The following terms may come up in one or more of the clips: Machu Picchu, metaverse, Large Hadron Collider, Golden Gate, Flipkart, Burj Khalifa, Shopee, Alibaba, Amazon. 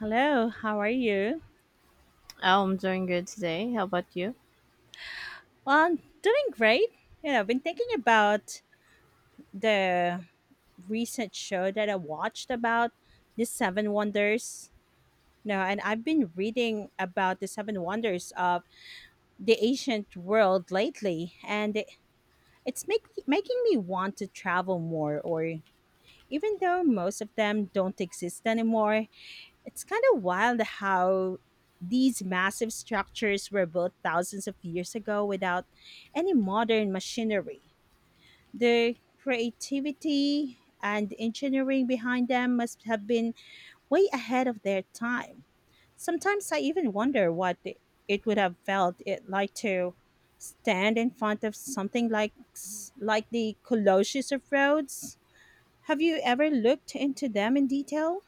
Hello, how are you? Oh, I'm doing good today. How about you? Well, I'm doing great. You know, I've been thinking about the recent show that I watched about the seven wonders. No, and I've been reading about the seven wonders of the ancient world lately, and it's making me want to travel more. Or even though most of them don't exist anymore, it's kind of wild how these massive structures were built thousands of years ago without any modern machinery. The creativity and engineering behind them must have been way ahead of their time. Sometimes I even wonder what it would have felt it like to stand in front of something like the Colossus of Rhodes. Have you ever looked into them in detail?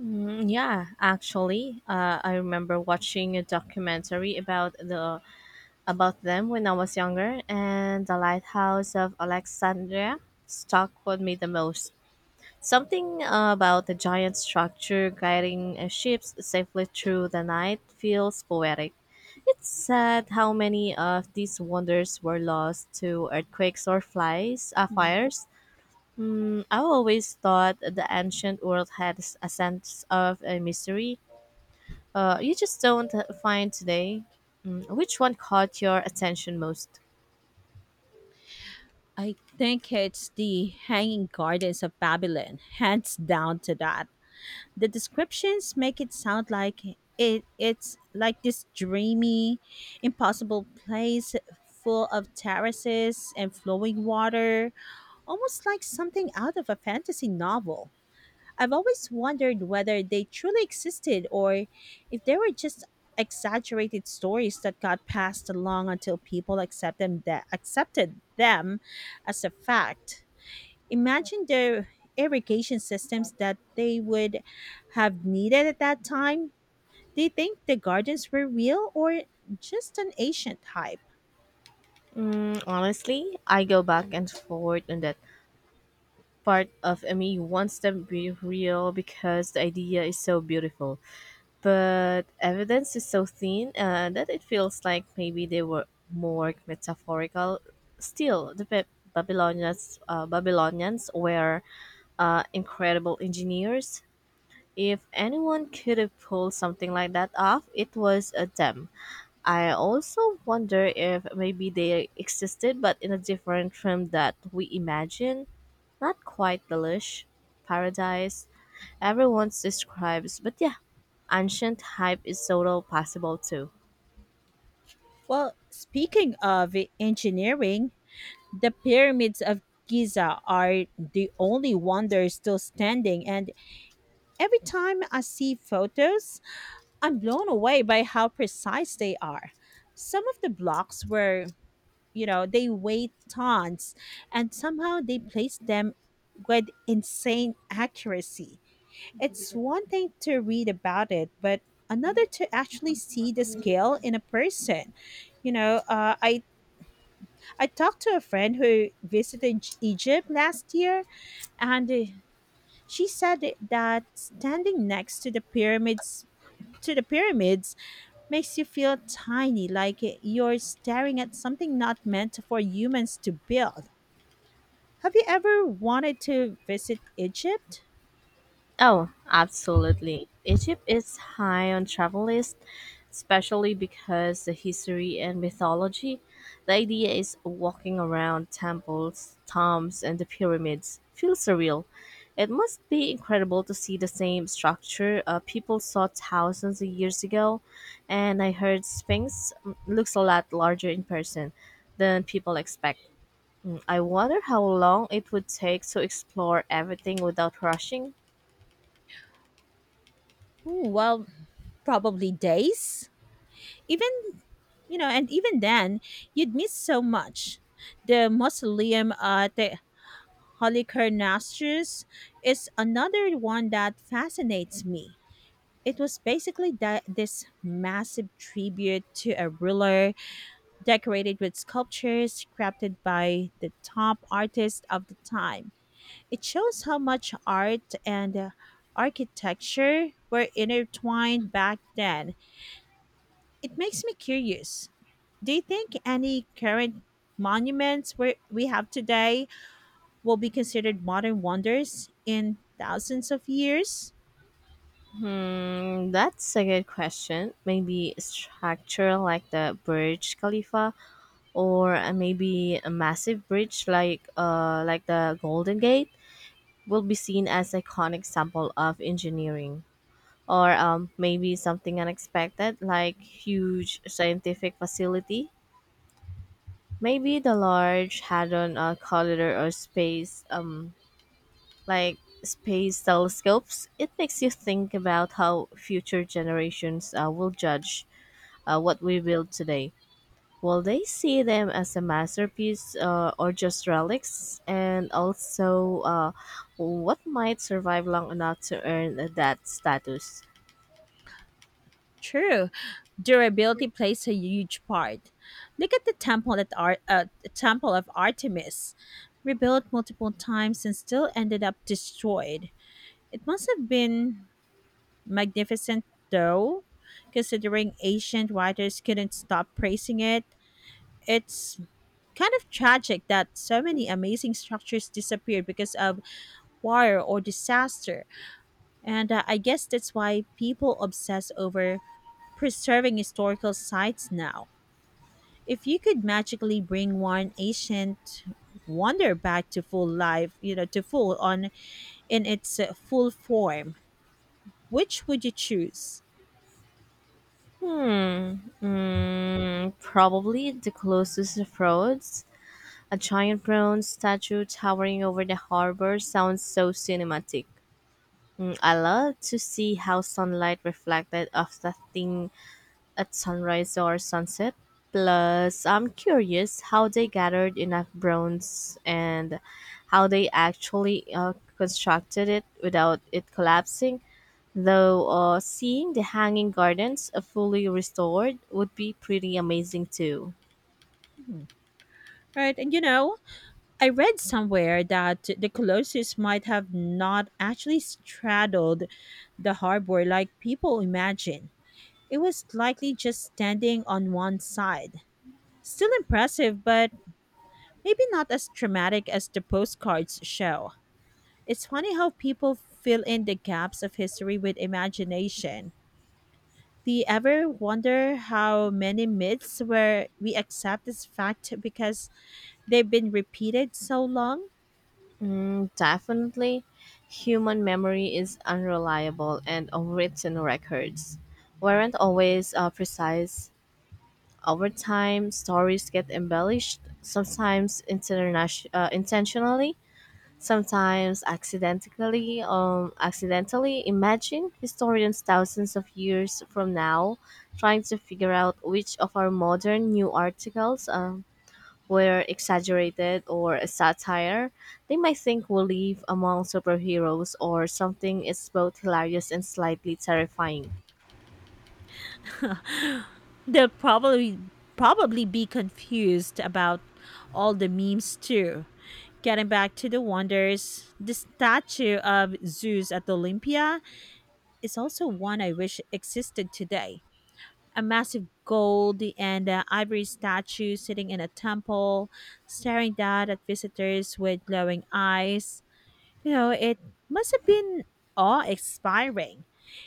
Yeah, actually, I remember watching a documentary about them when I was younger, and the lighthouse of Alexandria stuck with me the most. Something about the giant structure guiding ships safely through the night feels poetic. It's sad how many of these wonders were lost to earthquakes or fires. I always thought the ancient world had a sense of a mystery you just don't find today. Which one caught your attention most? I think it's the Hanging Gardens of Babylon, hands down to that. The descriptions make it sound like it's like this dreamy, impossible place full of terraces and flowing water, almost like something out of a fantasy novel. I've always wondered whether they truly existed or if they were just exaggerated stories that got passed along until people accepted them as a fact. Imagine the irrigation systems that they would have needed at that time. Do you think the gardens were real or just an ancient hype? Honestly, I go back and forth on that. Part of me wants them to be real because the idea is so beautiful, but evidence is so thin that it feels like maybe they were more metaphorical. Still, the Babylonians were incredible engineers. If anyone could have pulled something like that off, it was a them. I also wonder if maybe they existed but in a different realm that we imagine. Not quite the lush paradise everyone describes, but yeah, ancient hype is so possible too. Well, speaking of engineering, the pyramids of Giza are the only wonders still standing, and every time I see photos, I'm blown away by how precise they are. Some of the blocks were, they weigh tons and somehow they placed them with insane accuracy. It's one thing to read about it, but another to actually see the scale in a person. You know, I talked to a friend who visited Egypt last year and she said that standing next to the pyramids makes you feel tiny, like you're staring at something not meant for humans to build. Have you ever wanted to visit Egypt? Oh, absolutely. Egypt is high on travel list, especially because the history and mythology. The idea is walking around temples, tombs, and the pyramids. Feels surreal. It must be incredible to see the same structure people saw thousands of years ago, and I heard Sphinx looks a lot larger in person than people expect. I wonder how long it would take to explore everything without rushing. Ooh, well, probably days. Even, and even then, you'd miss so much. The mausoleum at the Halicarnassus is another one that fascinates me. It was basically that this massive tribute to a ruler decorated with sculptures crafted by the top artists of the time. It shows how much art and architecture were intertwined back then. It makes me curious. Do you think any current monuments where we have today will be considered modern wonders in thousands of years? Hmm, that's a good question. Maybe a structure like the Burj Khalifa, or maybe a massive bridge like the Golden Gate, will be seen as iconic example of engineering. Or maybe something unexpected like huge scientific facility. Maybe the large hadron collider or like space telescopes. It makes you think about how future generations will judge what we build today, will they see them as a masterpiece or just relics? And also, what might survive long enough to earn that status? True. Durability plays a huge part. Look at the temple of Artemis, rebuilt multiple times and still ended up destroyed. It must have been magnificent, though, considering ancient writers couldn't stop praising it. It's kind of tragic that so many amazing structures disappeared because of war or disaster, and I guess that's why people obsess over preserving historical sites now. If you could magically bring one ancient wonder back to full life, you know, to full on in its full form, which would you choose? Hmm. Probably the closest approach. A giant bronze statue towering over the harbor sounds so cinematic. I love to see how sunlight reflected off the thing at sunrise or sunset. Plus, I'm curious how they gathered enough bronze and how they actually constructed it without it collapsing. Though seeing the hanging gardens fully restored would be pretty amazing too. Mhm. Right. And you know, I read somewhere that the Colossus might have not actually straddled the harbor like people imagine. It was likely just standing on one side. Still impressive, but maybe not as dramatic as the postcards show. It's funny how people fill in the gaps of history with imagination. Do you ever wonder how many myths where we accept as fact because they've been repeated so long? Definitely, human memory is unreliable, and written records weren't always precise. Over time, stories get embellished, sometimes intentionally, sometimes accidentally. Accidentally, imagine historians thousands of years from now trying to figure out which of our modern new articles were exaggerated or a satire. They might think we live among superheroes or something is both hilarious and slightly terrifying. They'll probably be confused about all the memes too. Getting back to the wonders, the statue of Zeus at Olympia is also one I wish existed today. A massive gold and ivory statue sitting in a temple, staring down at visitors with glowing eyes. You know, it must have been awe inspiring.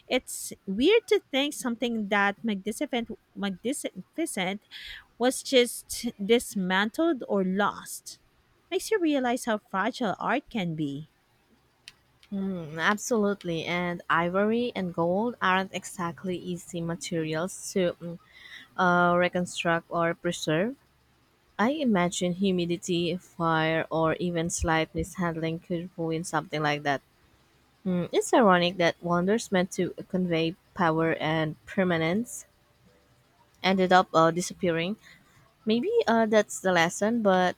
It's weird to think something that magnificent was just dismantled or lost. Makes you realize how fragile art can be. Absolutely, and ivory and gold aren't exactly easy materials to reconstruct or preserve. I imagine humidity, fire, or even slight mishandling could ruin something like that. It's ironic that wonders meant to convey power and permanence ended up disappearing. Maybe that's the lesson, but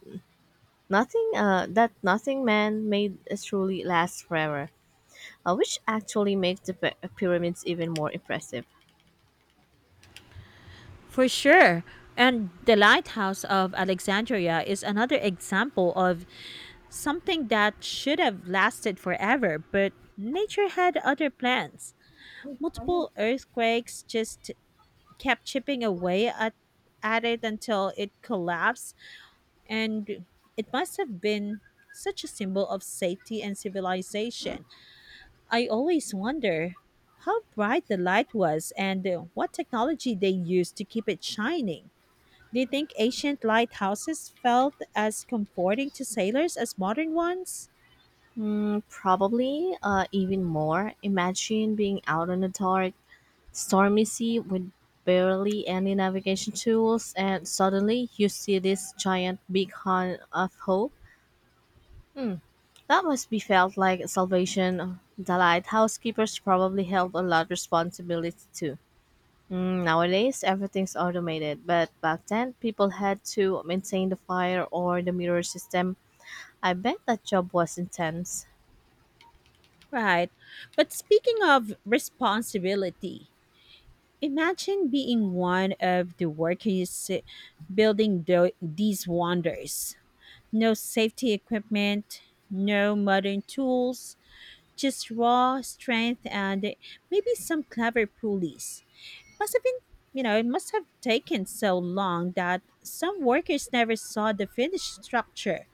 nothing that nothing man made truly lasts forever. Which actually makes the pyramids even more impressive. For sure. And the Lighthouse of Alexandria is another example of something that should have lasted forever, but nature had other plans. Multiple earthquakes just kept chipping away at it until it collapsed, and it must have been such a symbol of safety and civilization. I always wonder how bright the light was and what technology they used to keep it shining. Do you think ancient lighthouses felt as comforting to sailors as modern ones? Probably even more. Imagine being out on a dark, stormy sea with barely any navigation tools, and suddenly you see this giant beacon of hope. Hmm, that must be felt like salvation. The lighthouse keepers probably held a lot of responsibility too. Nowadays, everything's automated, but back then, people had to maintain the fire or the mirror system. I bet that job was intense. Right. But speaking of responsibility, imagine being one of the workers building these wonders. No safety equipment, no modern tools, just raw strength and maybe some clever pulleys. Must have been, you know, it must have taken so long that some workers never saw the finished structure.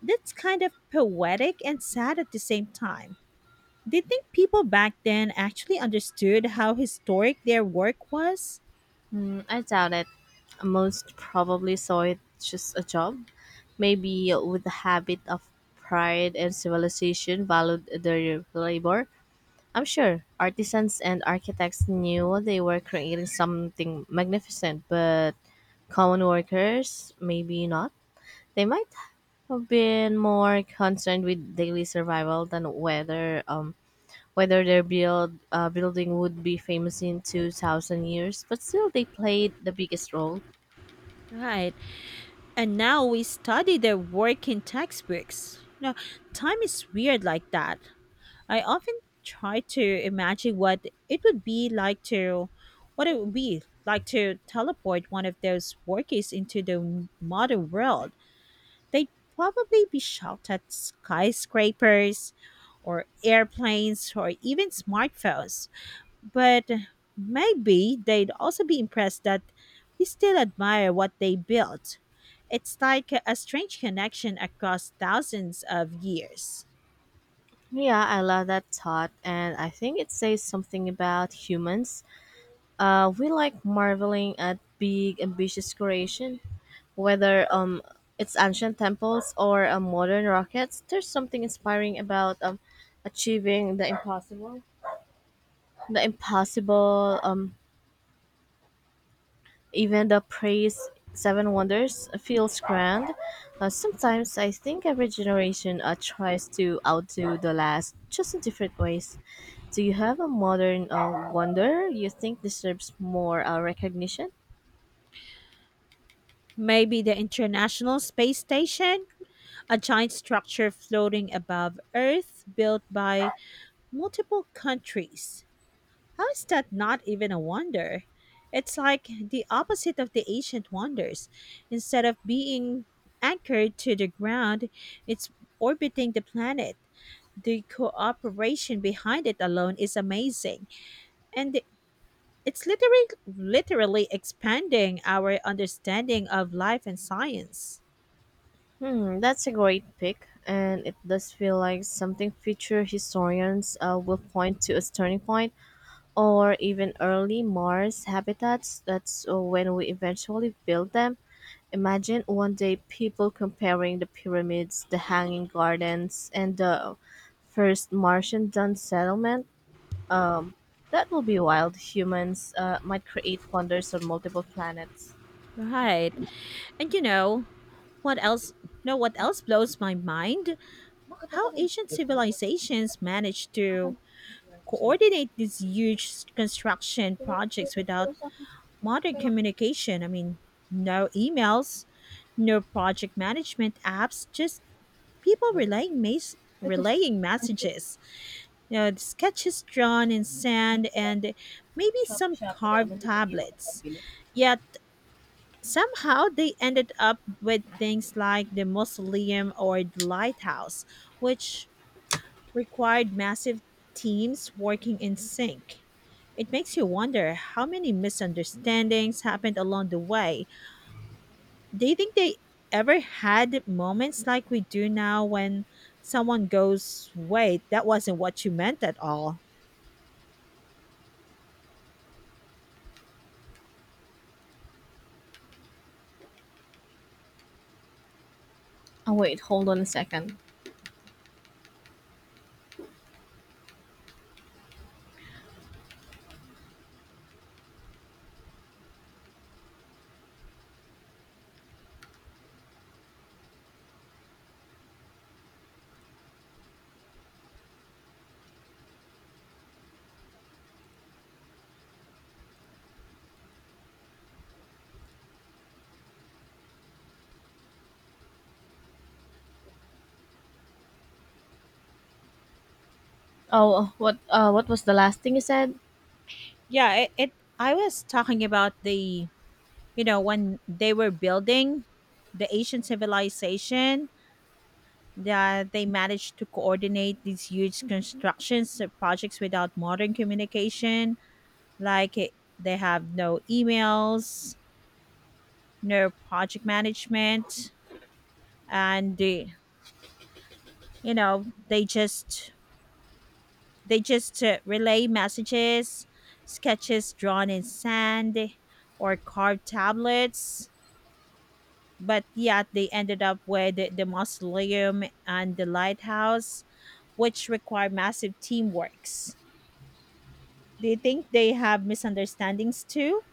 That's kind of poetic and sad at the same time. Do you think people back then actually understood how historic their work was? I doubt it. Most probably saw it just a job, maybe with a habit of pride and civilization valued their labor. I'm sure artisans and architects knew they were creating something magnificent, but common workers, maybe not. They might have been more concerned with daily survival than whether their building would be famous in 2000 years, but still they played the biggest role. Right. And now we study their work in textbooks. You know, time is weird like that. I often try to imagine what it would be like to teleport one of those workers into the modern world. They'd probably be shot at skyscrapers or airplanes or even smartphones. But maybe they'd also be impressed that we still admire what they built. It's like a strange connection across thousands of years. Yeah, I love that thought, and I think it says something about humans. We like marveling at big ambitious creation, whether it's ancient temples or modern rockets. There's something inspiring about achieving the impossible. Even the praise Seven Wonders feels grand. Sometimes I think every generation tries to outdo the last, just in different ways. Do you have a modern wonder you think deserves more recognition? Maybe the International Space Station, a giant structure floating above Earth built by multiple countries. How is that not even a wonder? It's like the opposite of the ancient wonders. Instead of being anchored to the ground, it's orbiting the planet. The cooperation behind it alone is amazing. And it's literally expanding our understanding of life and science. Hmm, that's a great pick, and it does feel like something future historians will point to as turning point, or even early Mars habitats. That's when we eventually build them. Imagine one day people comparing the pyramids, the hanging gardens, and the first Martian done settlement. Um, that will be wild. Humans might create wonders on multiple planets. Right. And you know, what else? No, what else blows my mind? How ancient civilizations managed to coordinate these huge construction projects without modern communication. I mean, no emails, no project management apps, just people relaying relaying messages. You know, the sketches drawn in sand and maybe Shop, some shop, ina naman. carved tablets. Yet somehow they ended up with things like the mausoleum or the lighthouse, which required massive teams working in sync. It makes you wonder how many misunderstandings happened along the way. Do you think they ever had moments like we do now when someone goes, wait, that wasn't what you meant at all? Oh wait, hold on a second. Oh, what was the last thing you said? Yeah, it I was talking about when they were building the ancient civilization, that they managed to coordinate these huge constructions projects without modern communication. Like they have no emails, no project management, and they, you know they just relay messages, sketches drawn in sand, or carved tablets. But yet they ended up with the mausoleum and the lighthouse, which require massive teamworks. Do you think they have misunderstandings too?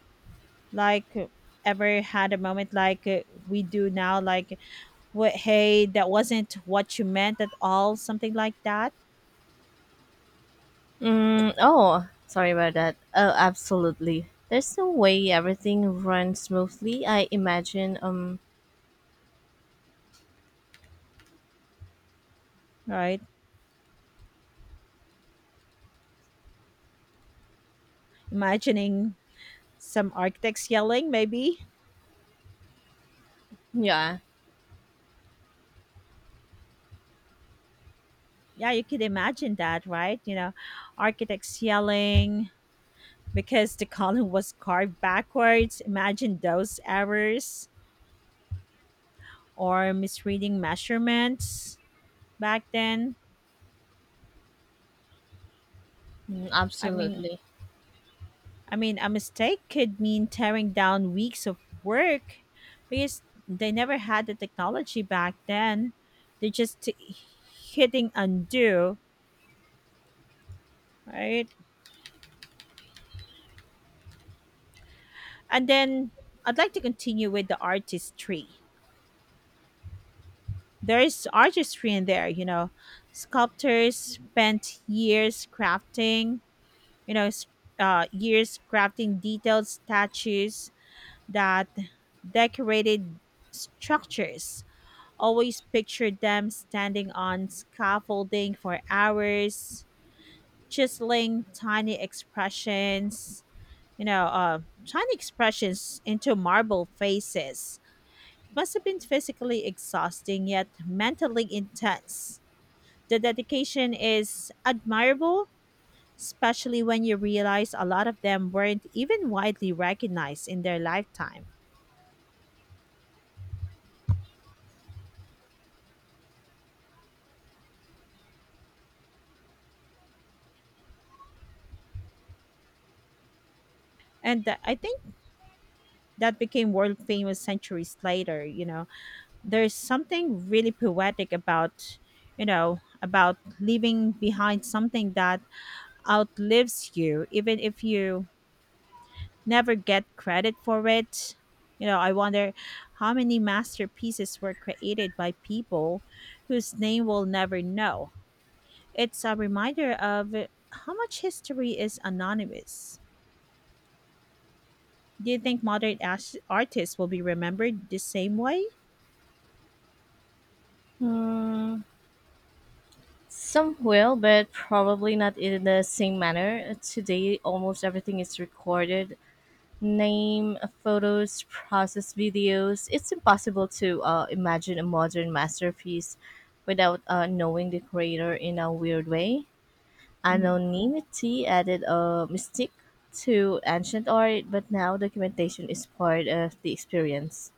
Like ever had a moment like we do now, like, wait, hey, that wasn't what you meant at all, something like that, Oh, sorry about that. Oh, absolutely. There's no way everything runs smoothly. I imagine. Right? Imagining some architects yelling, maybe. Yeah, Yeah, you could imagine that, right? You know, architects yelling because the column was carved backwards. Imagine those errors or misreading measurements back then. mm, I mean, absolutely. I mean, a mistake could mean tearing down weeks of work because they never had the technology back then. They are just hitting undo, right? And then I'd like to continue with the artistry. There's artistry in there, you know. Sculptors spent years crafting, you know, s- years crafting detailed statues that decorated structures. Always pictured them standing on scaffolding for hours, chiseling tiny you know, uh, expressions into marble faces. Must have been physically exhausting, yet mentally intense. The dedication is admirable, especially when you realize a lot of them weren't even widely recognized in their lifetime. And I think that became world famous centuries later, you know. There's something really poetic about you know about leaving behind something that outlives you even if you never get credit for it. I wonder how many masterpieces were created by people whose name we'll never know. It's a reminder of how much history is anonymous. Do you think modern artists will be remembered the same way? Hmm. Some will, but probably not in the same manner. Today, almost everything is recorded: name, photos, process videos. It's impossible to imagine a modern masterpiece without knowing the creator in a weird way. Mhm. Anonymity added a mystique to ancient art, but now documentation is part of the experience.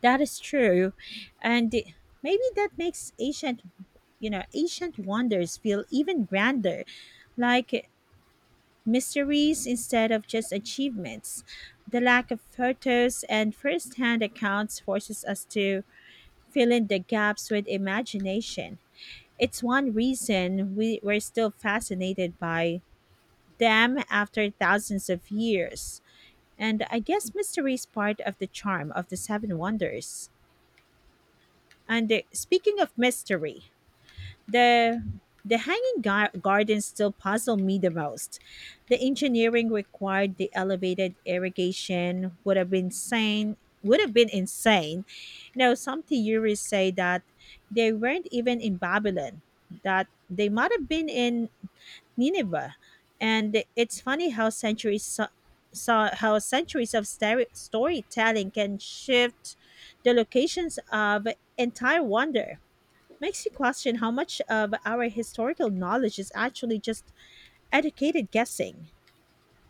That is true. And maybe that makes ancient wonders feel even grander, like mysteries instead of just achievements. The lack of photos and first-hand accounts forces us to fill in the gaps with imagination. It's one reason we're still fascinated by them after thousands of years. And I guess mystery is part of the charm of the Seven Wonders. And speaking of mystery, the the hanging gardens still puzzle me the most. The engineering required the elevated irrigation would have been insane. Now some theories say that they weren't even in Babylon, that they might have been in Nineveh. And it's funny how centuries of storytelling can shift the locations of entire wonder makes you question how much of our historical knowledge is actually just educated guessing.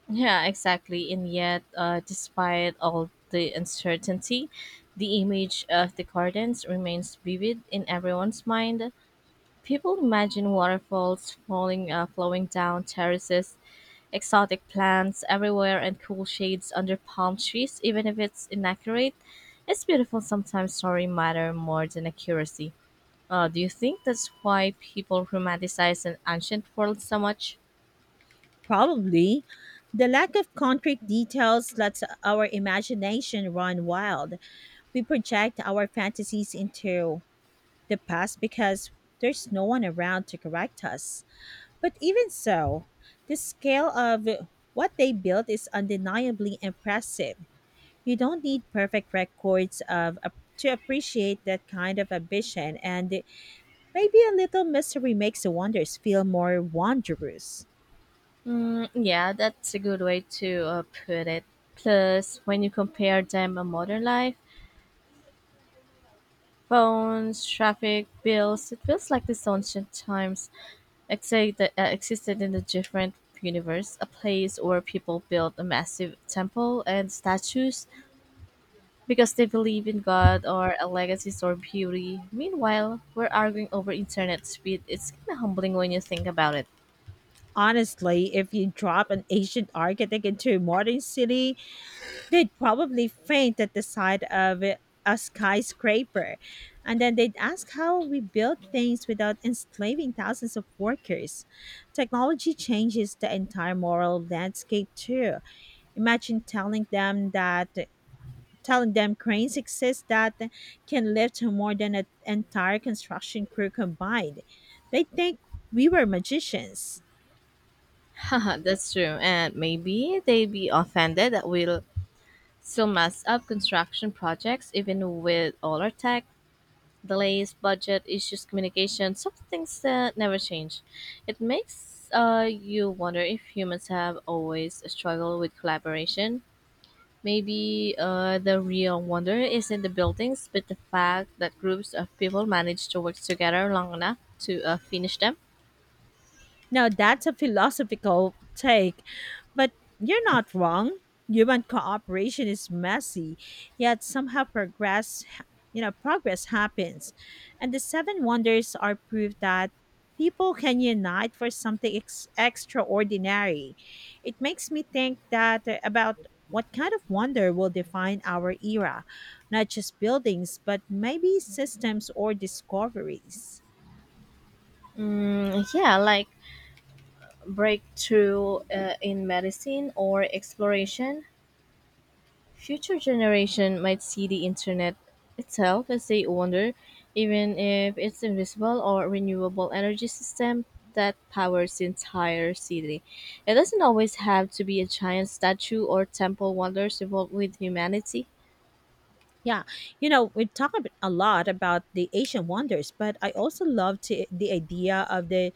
Yeah, exactly. And yet, despite all the uncertainty, the image of the gardens remains vivid in everyone's mind. People imagine waterfalls flowing down terraces, exotic plants everywhere, and cool shades under palm trees. Even if it's inaccurate, it's beautiful. Sometimes story matter more than accuracy. Do you think that's why people romanticize an ancient world so much? Probably, the lack of concrete details lets our imagination run wild. We project our fantasies into the past because there's no one around to correct us. But even so, the scale of what they built is undeniably impressive. You don't need perfect records of to appreciate that kind of ambition and maybe a little mystery makes the wonders feel more wondrous. Yeah, that's a good way to put it. Plus, when you compare them a modern life, phones, traffic, bills, it feels like these ancient times existed in a different universe, a place where people built a massive temple and statues because they believe in God or a legacy or beauty. Meanwhile, we're arguing over internet speed. It's kind of humbling when you think about it. Honestly, if you drop an ancient architect into a modern city, they'd probably faint at the sight of a skyscraper. And then they'd ask how we build things without enslaving thousands of workers. Technology changes the entire moral landscape, too. Imagine telling them that Telling them cranes exist that can lift more than an entire construction crew combined. They think we were magicians. Haha, that's true. And maybe they'd be offended that we so messed up construction projects, even with all our tech, delays, budget issues, communication, some things that never change. It makes you wonder if humans have always struggled with collaboration. Maybe the real wonder isn't the buildings, but the fact that groups of people manage to work together long enough to finish them. Now, that's a philosophical take, but you're not wrong. Human cooperation is messy, yet somehow progress happens. And the seven wonders are proof that people can unite for something extraordinary. It makes me think that about what kind of wonder will define our era, not just buildings, but maybe systems or discoveries. Yeah, like breakthrough in medicine or exploration. Future generation might see the internet itself as a wonder, even if it's invisible or renewable energy system that powers the entire city. It doesn't always have to be a giant statue or temple wonders evolve with humanity. Yeah, you know, we talk a lot about the Asian wonders, but I also love the idea of the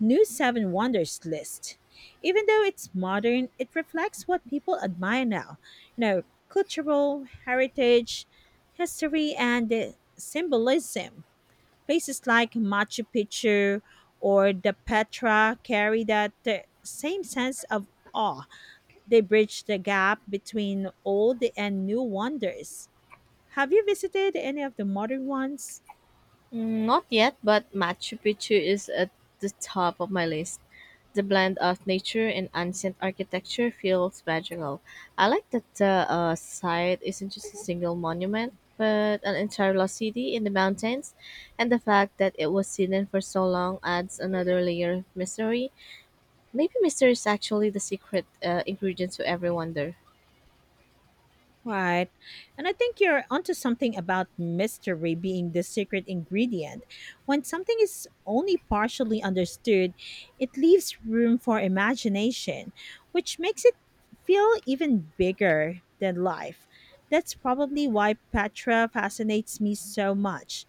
new seven wonders list. Even though it's modern, it reflects what people admire now. You know, cultural heritage, history, and the symbolism. Places like Machu Picchu or the Petra carry that same sense of awe. They bridge the gap between old and new wonders. Have you visited any of the modern ones? Not yet, but Machu Picchu is at the top of my list. The blend of nature and ancient architecture feels magical. I like that the site isn't just a single monument, but an entire lost city in the mountains, and the fact that it was hidden for so long adds another layer of mystery. Maybe mystery is actually the secret ingredient to every wonder. Right. And I think you're onto something about mystery being the secret ingredient. When something is only partially understood, it leaves room for imagination, which makes it feel even bigger than life. That's probably why Petra fascinates me so much.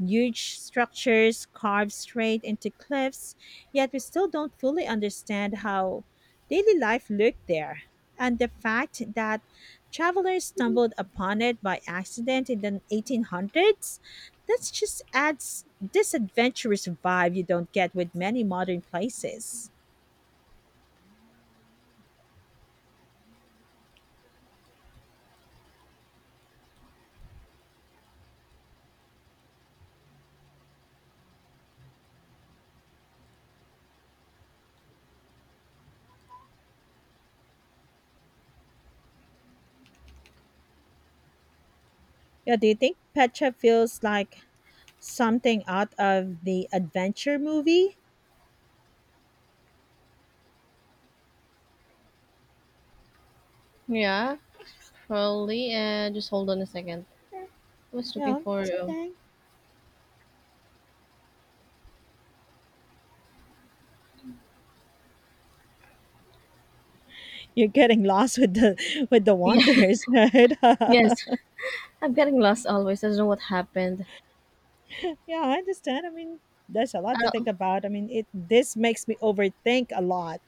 Huge structures carved straight into cliffs, yet we still don't fully understand how daily life looked there. And the fact that travelers stumbled upon it by accident in the 1800s. That just adds this adventurous vibe you don't get with many modern places. Yeah, do you think Petra feels like something out of the adventure movie? Yeah, probably. Just hold on a second. I was looking Yeah, for. it's okay. You're getting lost with the Yeah. wonders, right? Yeah, Yes. I'm getting lost always. I don't know what happened. I understand. I mean, there's a lot Uh, to think about. I mean, it this makes me overthink a lot.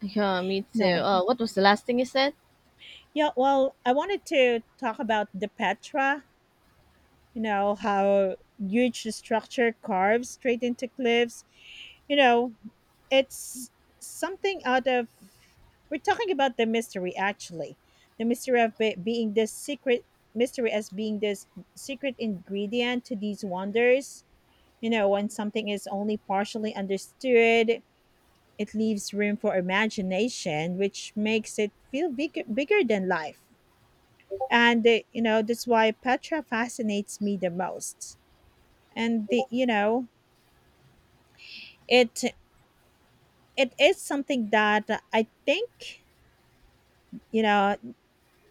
yeah, me too. No. What was the last thing you said? Yeah, well, I wanted to talk about the Petra, you know, how huge structure carves straight into cliffs, you know, it's something out of, we're talking about the mystery actually, the mystery as being this secret ingredient to these wonders, you know, when something is only partially understood it leaves room for imagination which makes it feel bigger than life. And that's why Petra fascinates me the most. And the you know it It is something that i think you know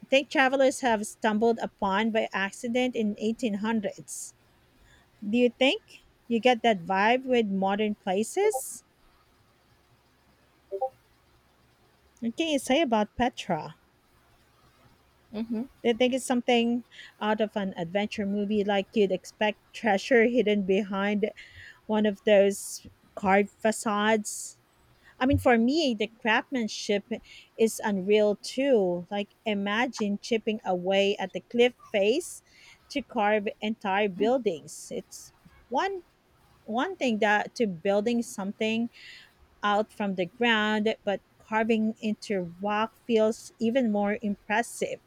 I think travelers have stumbled upon by accident in 1800s. Do you think you get that vibe with modern places? What can you say about Petra? Mm-hmm. Do you think it's something out of an adventure movie, like you'd expect treasure hidden behind one of those carved facades? I mean, for me, the craftsmanship is unreal too. Like, imagine chipping away at the cliff face to carve entire buildings. It's one one thing that to building something out from the ground, but carving into rock feels even more impressive.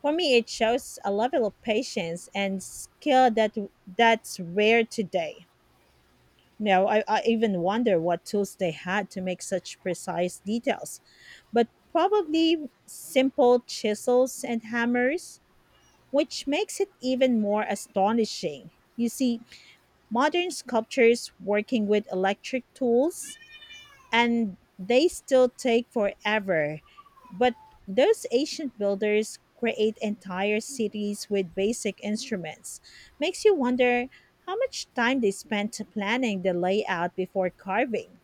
For me, it shows a level of patience and skill that that's rare today. Now, I even wonder what tools they had to make such precise details, but probably simple chisels and hammers, which makes it even more astonishing. You see, modern sculptors working with electric tools and they still take forever. But those ancient builders create entire cities with basic instruments. Makes you wonder how much time they spent planning the layout before carving.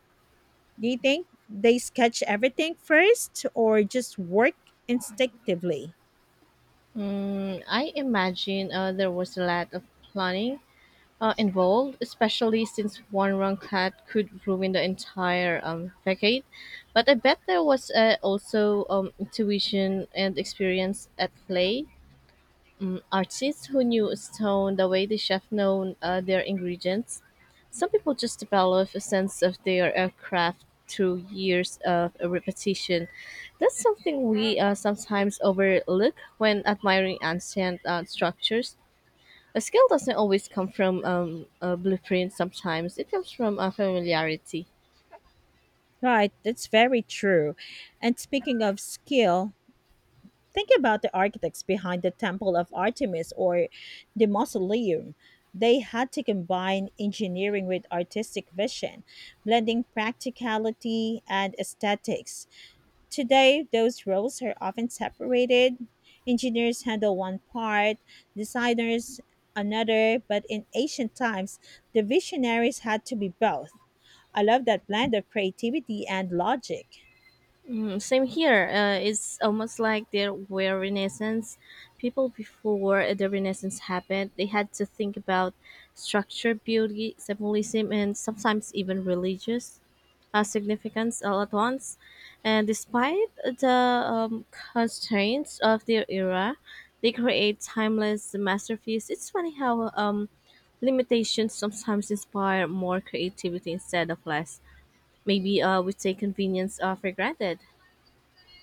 Do you think they sketch everything first or just work instinctively? I imagine there was a lot of planning involved, especially since one wrong cut could ruin the entire decade. But I bet there was also intuition and experience at play. Artists who knew Stone the way the chef known their ingredients. Some people just develop a sense of their craft through years of repetition. That's something we sometimes overlook when admiring ancient structures. A skill doesn't always come from a blueprint. Sometimes it comes from a familiarity. Right, that's very true. And speaking of skill, think about the architects behind the Temple of Artemis or the Mausoleum. They had to combine engineering with artistic vision, blending practicality and aesthetics. Today, those roles are often separated. Engineers handle one part, designers another, but in ancient times, the visionaries had to be both. I love that blend of creativity and logic. Same here. It's almost like there were Renaissance people before the Renaissance happened. They had to think about structure, beauty, symbolism, and sometimes even religious significance all at once. And despite the um, constraints of their era, they create timeless masterpieces. It's funny how limitations sometimes inspire more creativity instead of less. Maybe we take convenience for granted.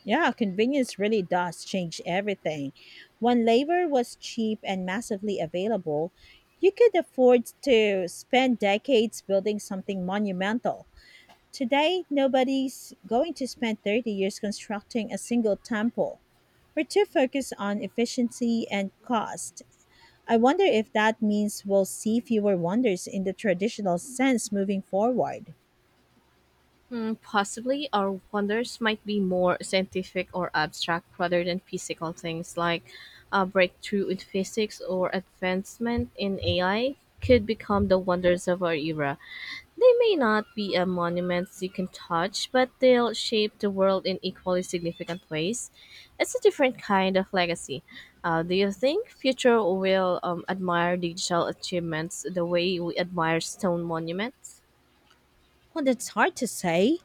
Yeah, convenience really does change everything. When labor was cheap and massively available, you could afford to spend decades building something monumental. Today, nobody's going to spend 30 years constructing a single temple. We're too focused on efficiency and cost. I wonder if that means we'll see fewer wonders in the traditional sense moving forward. Hmm, possibly our wonders might be more scientific or abstract rather than physical things like a breakthrough in physics or advancement in AI could become the wonders of our era. They may not be a monuments you can touch, but they'll shape the world in equally significant ways. It's a different kind of legacy. Do you think future will admire digital achievements the way we admire stone monuments? Well, that's hard to say.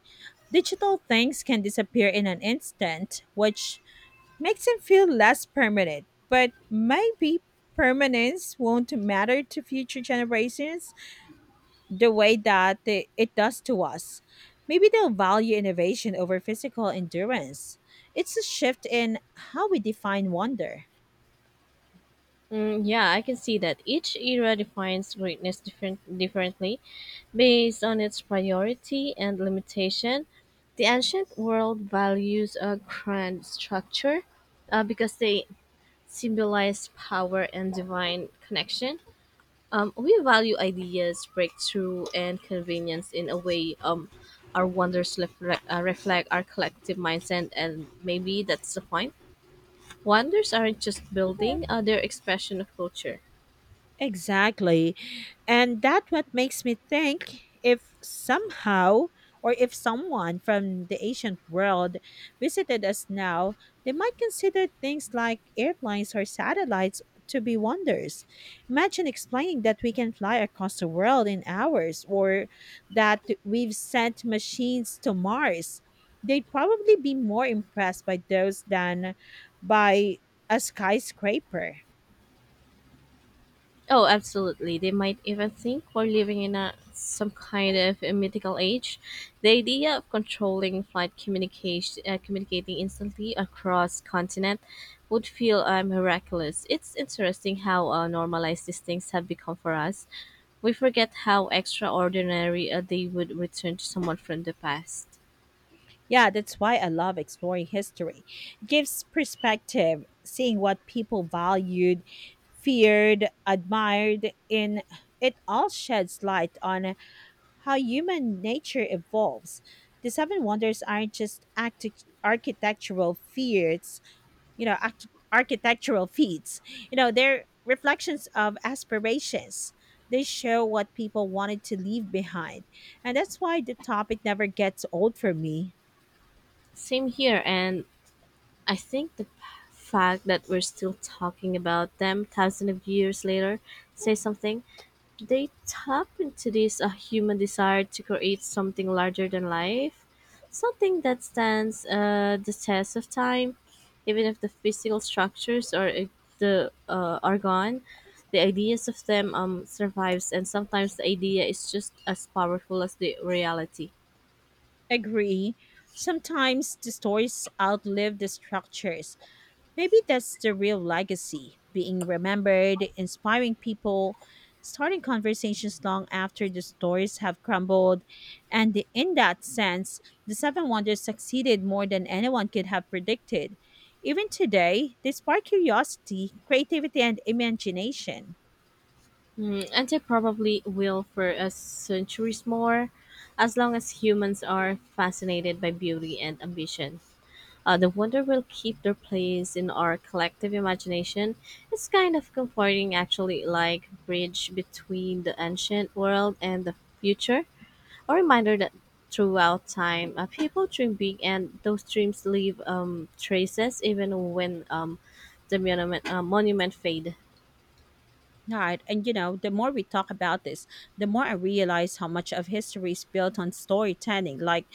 Digital things can disappear in an instant, which makes them feel less permanent. But maybe permanence won't matter to future generations the way that it does to us. Maybe they'll value innovation over physical endurance. It's a shift in how we define wonder. Yeah, I can see that each era defines greatness differently based on its priority and limitation. The ancient world values a grand structure because they symbolize power and divine connection. We value ideas, breakthrough, and convenience in a way our wonders reflect reflect our collective mindset, and maybe that's the point. Wonders aren't just building, they're expression of culture. Exactly. And that what makes me think if somehow or if someone from the ancient world visited us now, they might consider things like airplanes or satellites to be wonders. Imagine explaining that we can fly across the world in hours or that we've sent machines to Mars. They'd probably be more impressed by those than by a skyscraper. Oh, absolutely. They might even think we're living in a some kind of a mythical age. The idea of controlling flight communication, communicating instantly across continent, would feel miraculous. It's interesting how normalized these things have become for us. We forget how extraordinary they would return to someone from the past. Yeah, that's why I love exploring history. It gives perspective, seeing what people valued, feared, admired, and it all sheds light on how human nature evolves. The Seven Wonders aren't just architectural feats, you know, arch- architectural feats. You know, they're reflections of aspirations. They show what people wanted to leave behind. And that's why the topic never gets old for me. Same here, and I think fact that we're still talking about them thousands of years later says something. They tap into this human desire to create something larger than life, something that stands the test of time, even if the physical structures or if the are gone. The ideas of them survives, and sometimes the idea is just as powerful as the reality. Agree. Sometimes the stories outlive the structures. Maybe that's the real legacy being remembered, inspiring people, starting conversations long after the stories have crumbled. In that sense, the Seven Wonders succeeded more than anyone could have predicted. Even today, they spark curiosity, creativity, and imagination. Mm, and they probably will for centuries more, as long as humans are fascinated by beauty and ambition. The wonder will keep their place in our collective imagination. It's kind of comforting, actually, like bridge between the ancient world and the future. A reminder that throughout time, people dream big, and those dreams leave traces, even when the monument fade. All right. And you know, the more we talk about this, the more I realize how much of history is built on storytelling. Like,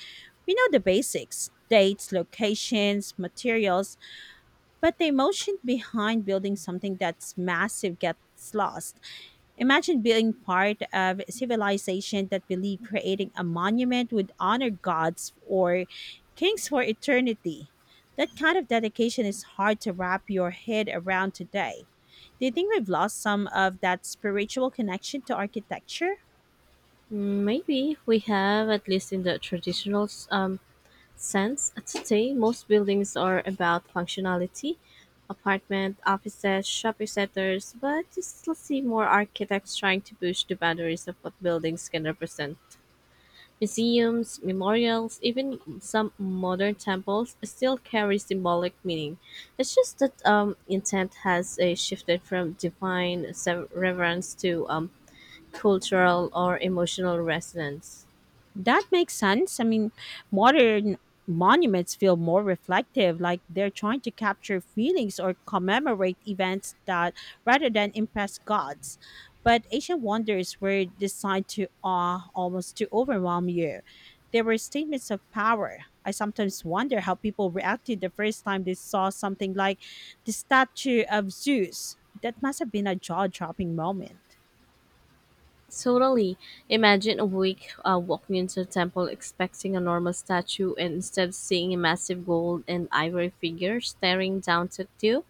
we know the basics, dates, locations, materials, but the emotion behind building something that's massive gets lost. Imagine being part of a civilization that believed creating a monument would honor gods or kings for eternity. That kind of dedication is hard to wrap your head around today. Do you think we've lost some of that spiritual connection to architecture? Mm, maybe we have, at least in the traditional sense. Today most buildings are about functionality: apartment, offices, shopping centers, but you still see more architects trying to push the boundaries of what buildings can represent. Museums, memorials, even some modern temples still carry symbolic meaning. It's just that intent has shifted from reverence to cultural or emotional resonance. That makes sense. I mean, modern monuments feel more reflective, like they're trying to capture feelings or commemorate events that rather than impress gods. But ancient wonders were designed to awe, almost to overwhelm you. They were statements of power. I sometimes wonder how people reacted the first time they saw something like the statue of Zeus. That must have been a jaw dropping moment. Totally. Imagine a week walking into a temple expecting a normal statue and instead seeing a massive gold and ivory figure staring down at you.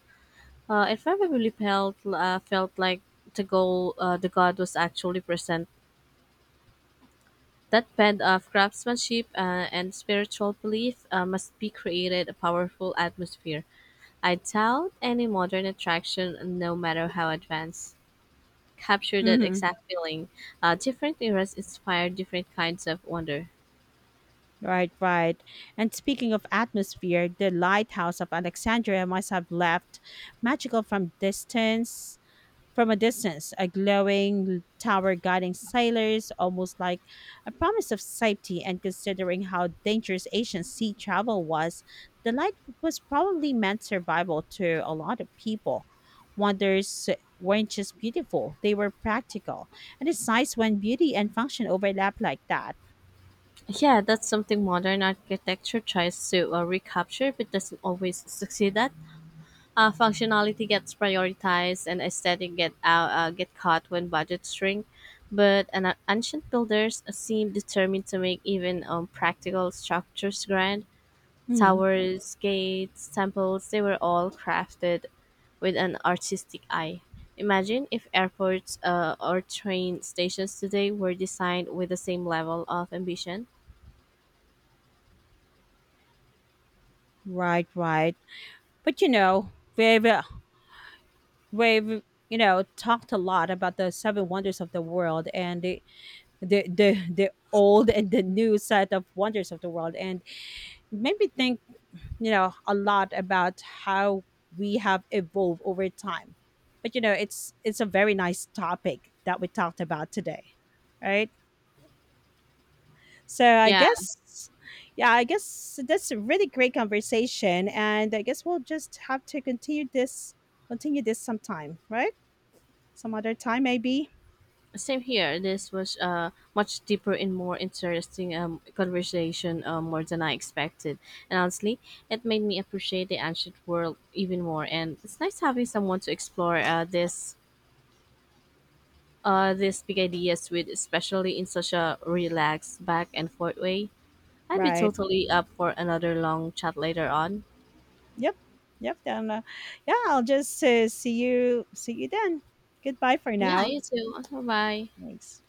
It probably felt like the goal the god was actually present. That band of craftsmanship and spiritual belief must be created a powerful atmosphere. I doubt any modern attraction, no matter how advanced, capture that Hmm. exact feeling. Different eras inspire different kinds of wonder. Right, right. And speaking of atmosphere, the lighthouse of Alexandria must have left magical from distance. From a distance, a glowing tower guiding sailors, almost like a promise of safety. And considering how dangerous Asian sea travel was, the light was probably meant survival to a lot of people. Wonders weren't just beautiful, they were practical. And it's nice when beauty and function overlap like that. Yeah, that's something modern architecture tries to recapture but doesn't always succeed at. Functionality gets prioritized and aesthetic get caught when budgets shrink. But ancient builders seem determined to make even practical structures grand. Hmm. Towers, gates, temples, they were all crafted with an artistic eye. Imagine if airports or train stations today were designed with the same level of ambition. Right, right. But you know, we've, we've, you know, talked a lot about the seven wonders of the world, and the old and the new set of wonders of the world, and it made me think, you know, a lot about how we have evolved over time. But you know, it's a very nice topic that we talked about today, right? So I Yeah, guess, yeah, I guess that's a really great conversation, and I guess we'll just have to continue this sometime, right? Some other time maybe. same here. This was much deeper and more interesting conversation more than I expected. And honestly, it made me appreciate the ancient world even more. And it's nice having someone to explore this these big ideas with, especially in such a relaxed back and forth way. I'd be Right. totally up for another long chat later on. Yep. Yep. Then, yeah, I'll just See you then. Goodbye for Yeah, now. you too. Bye bye. Thanks.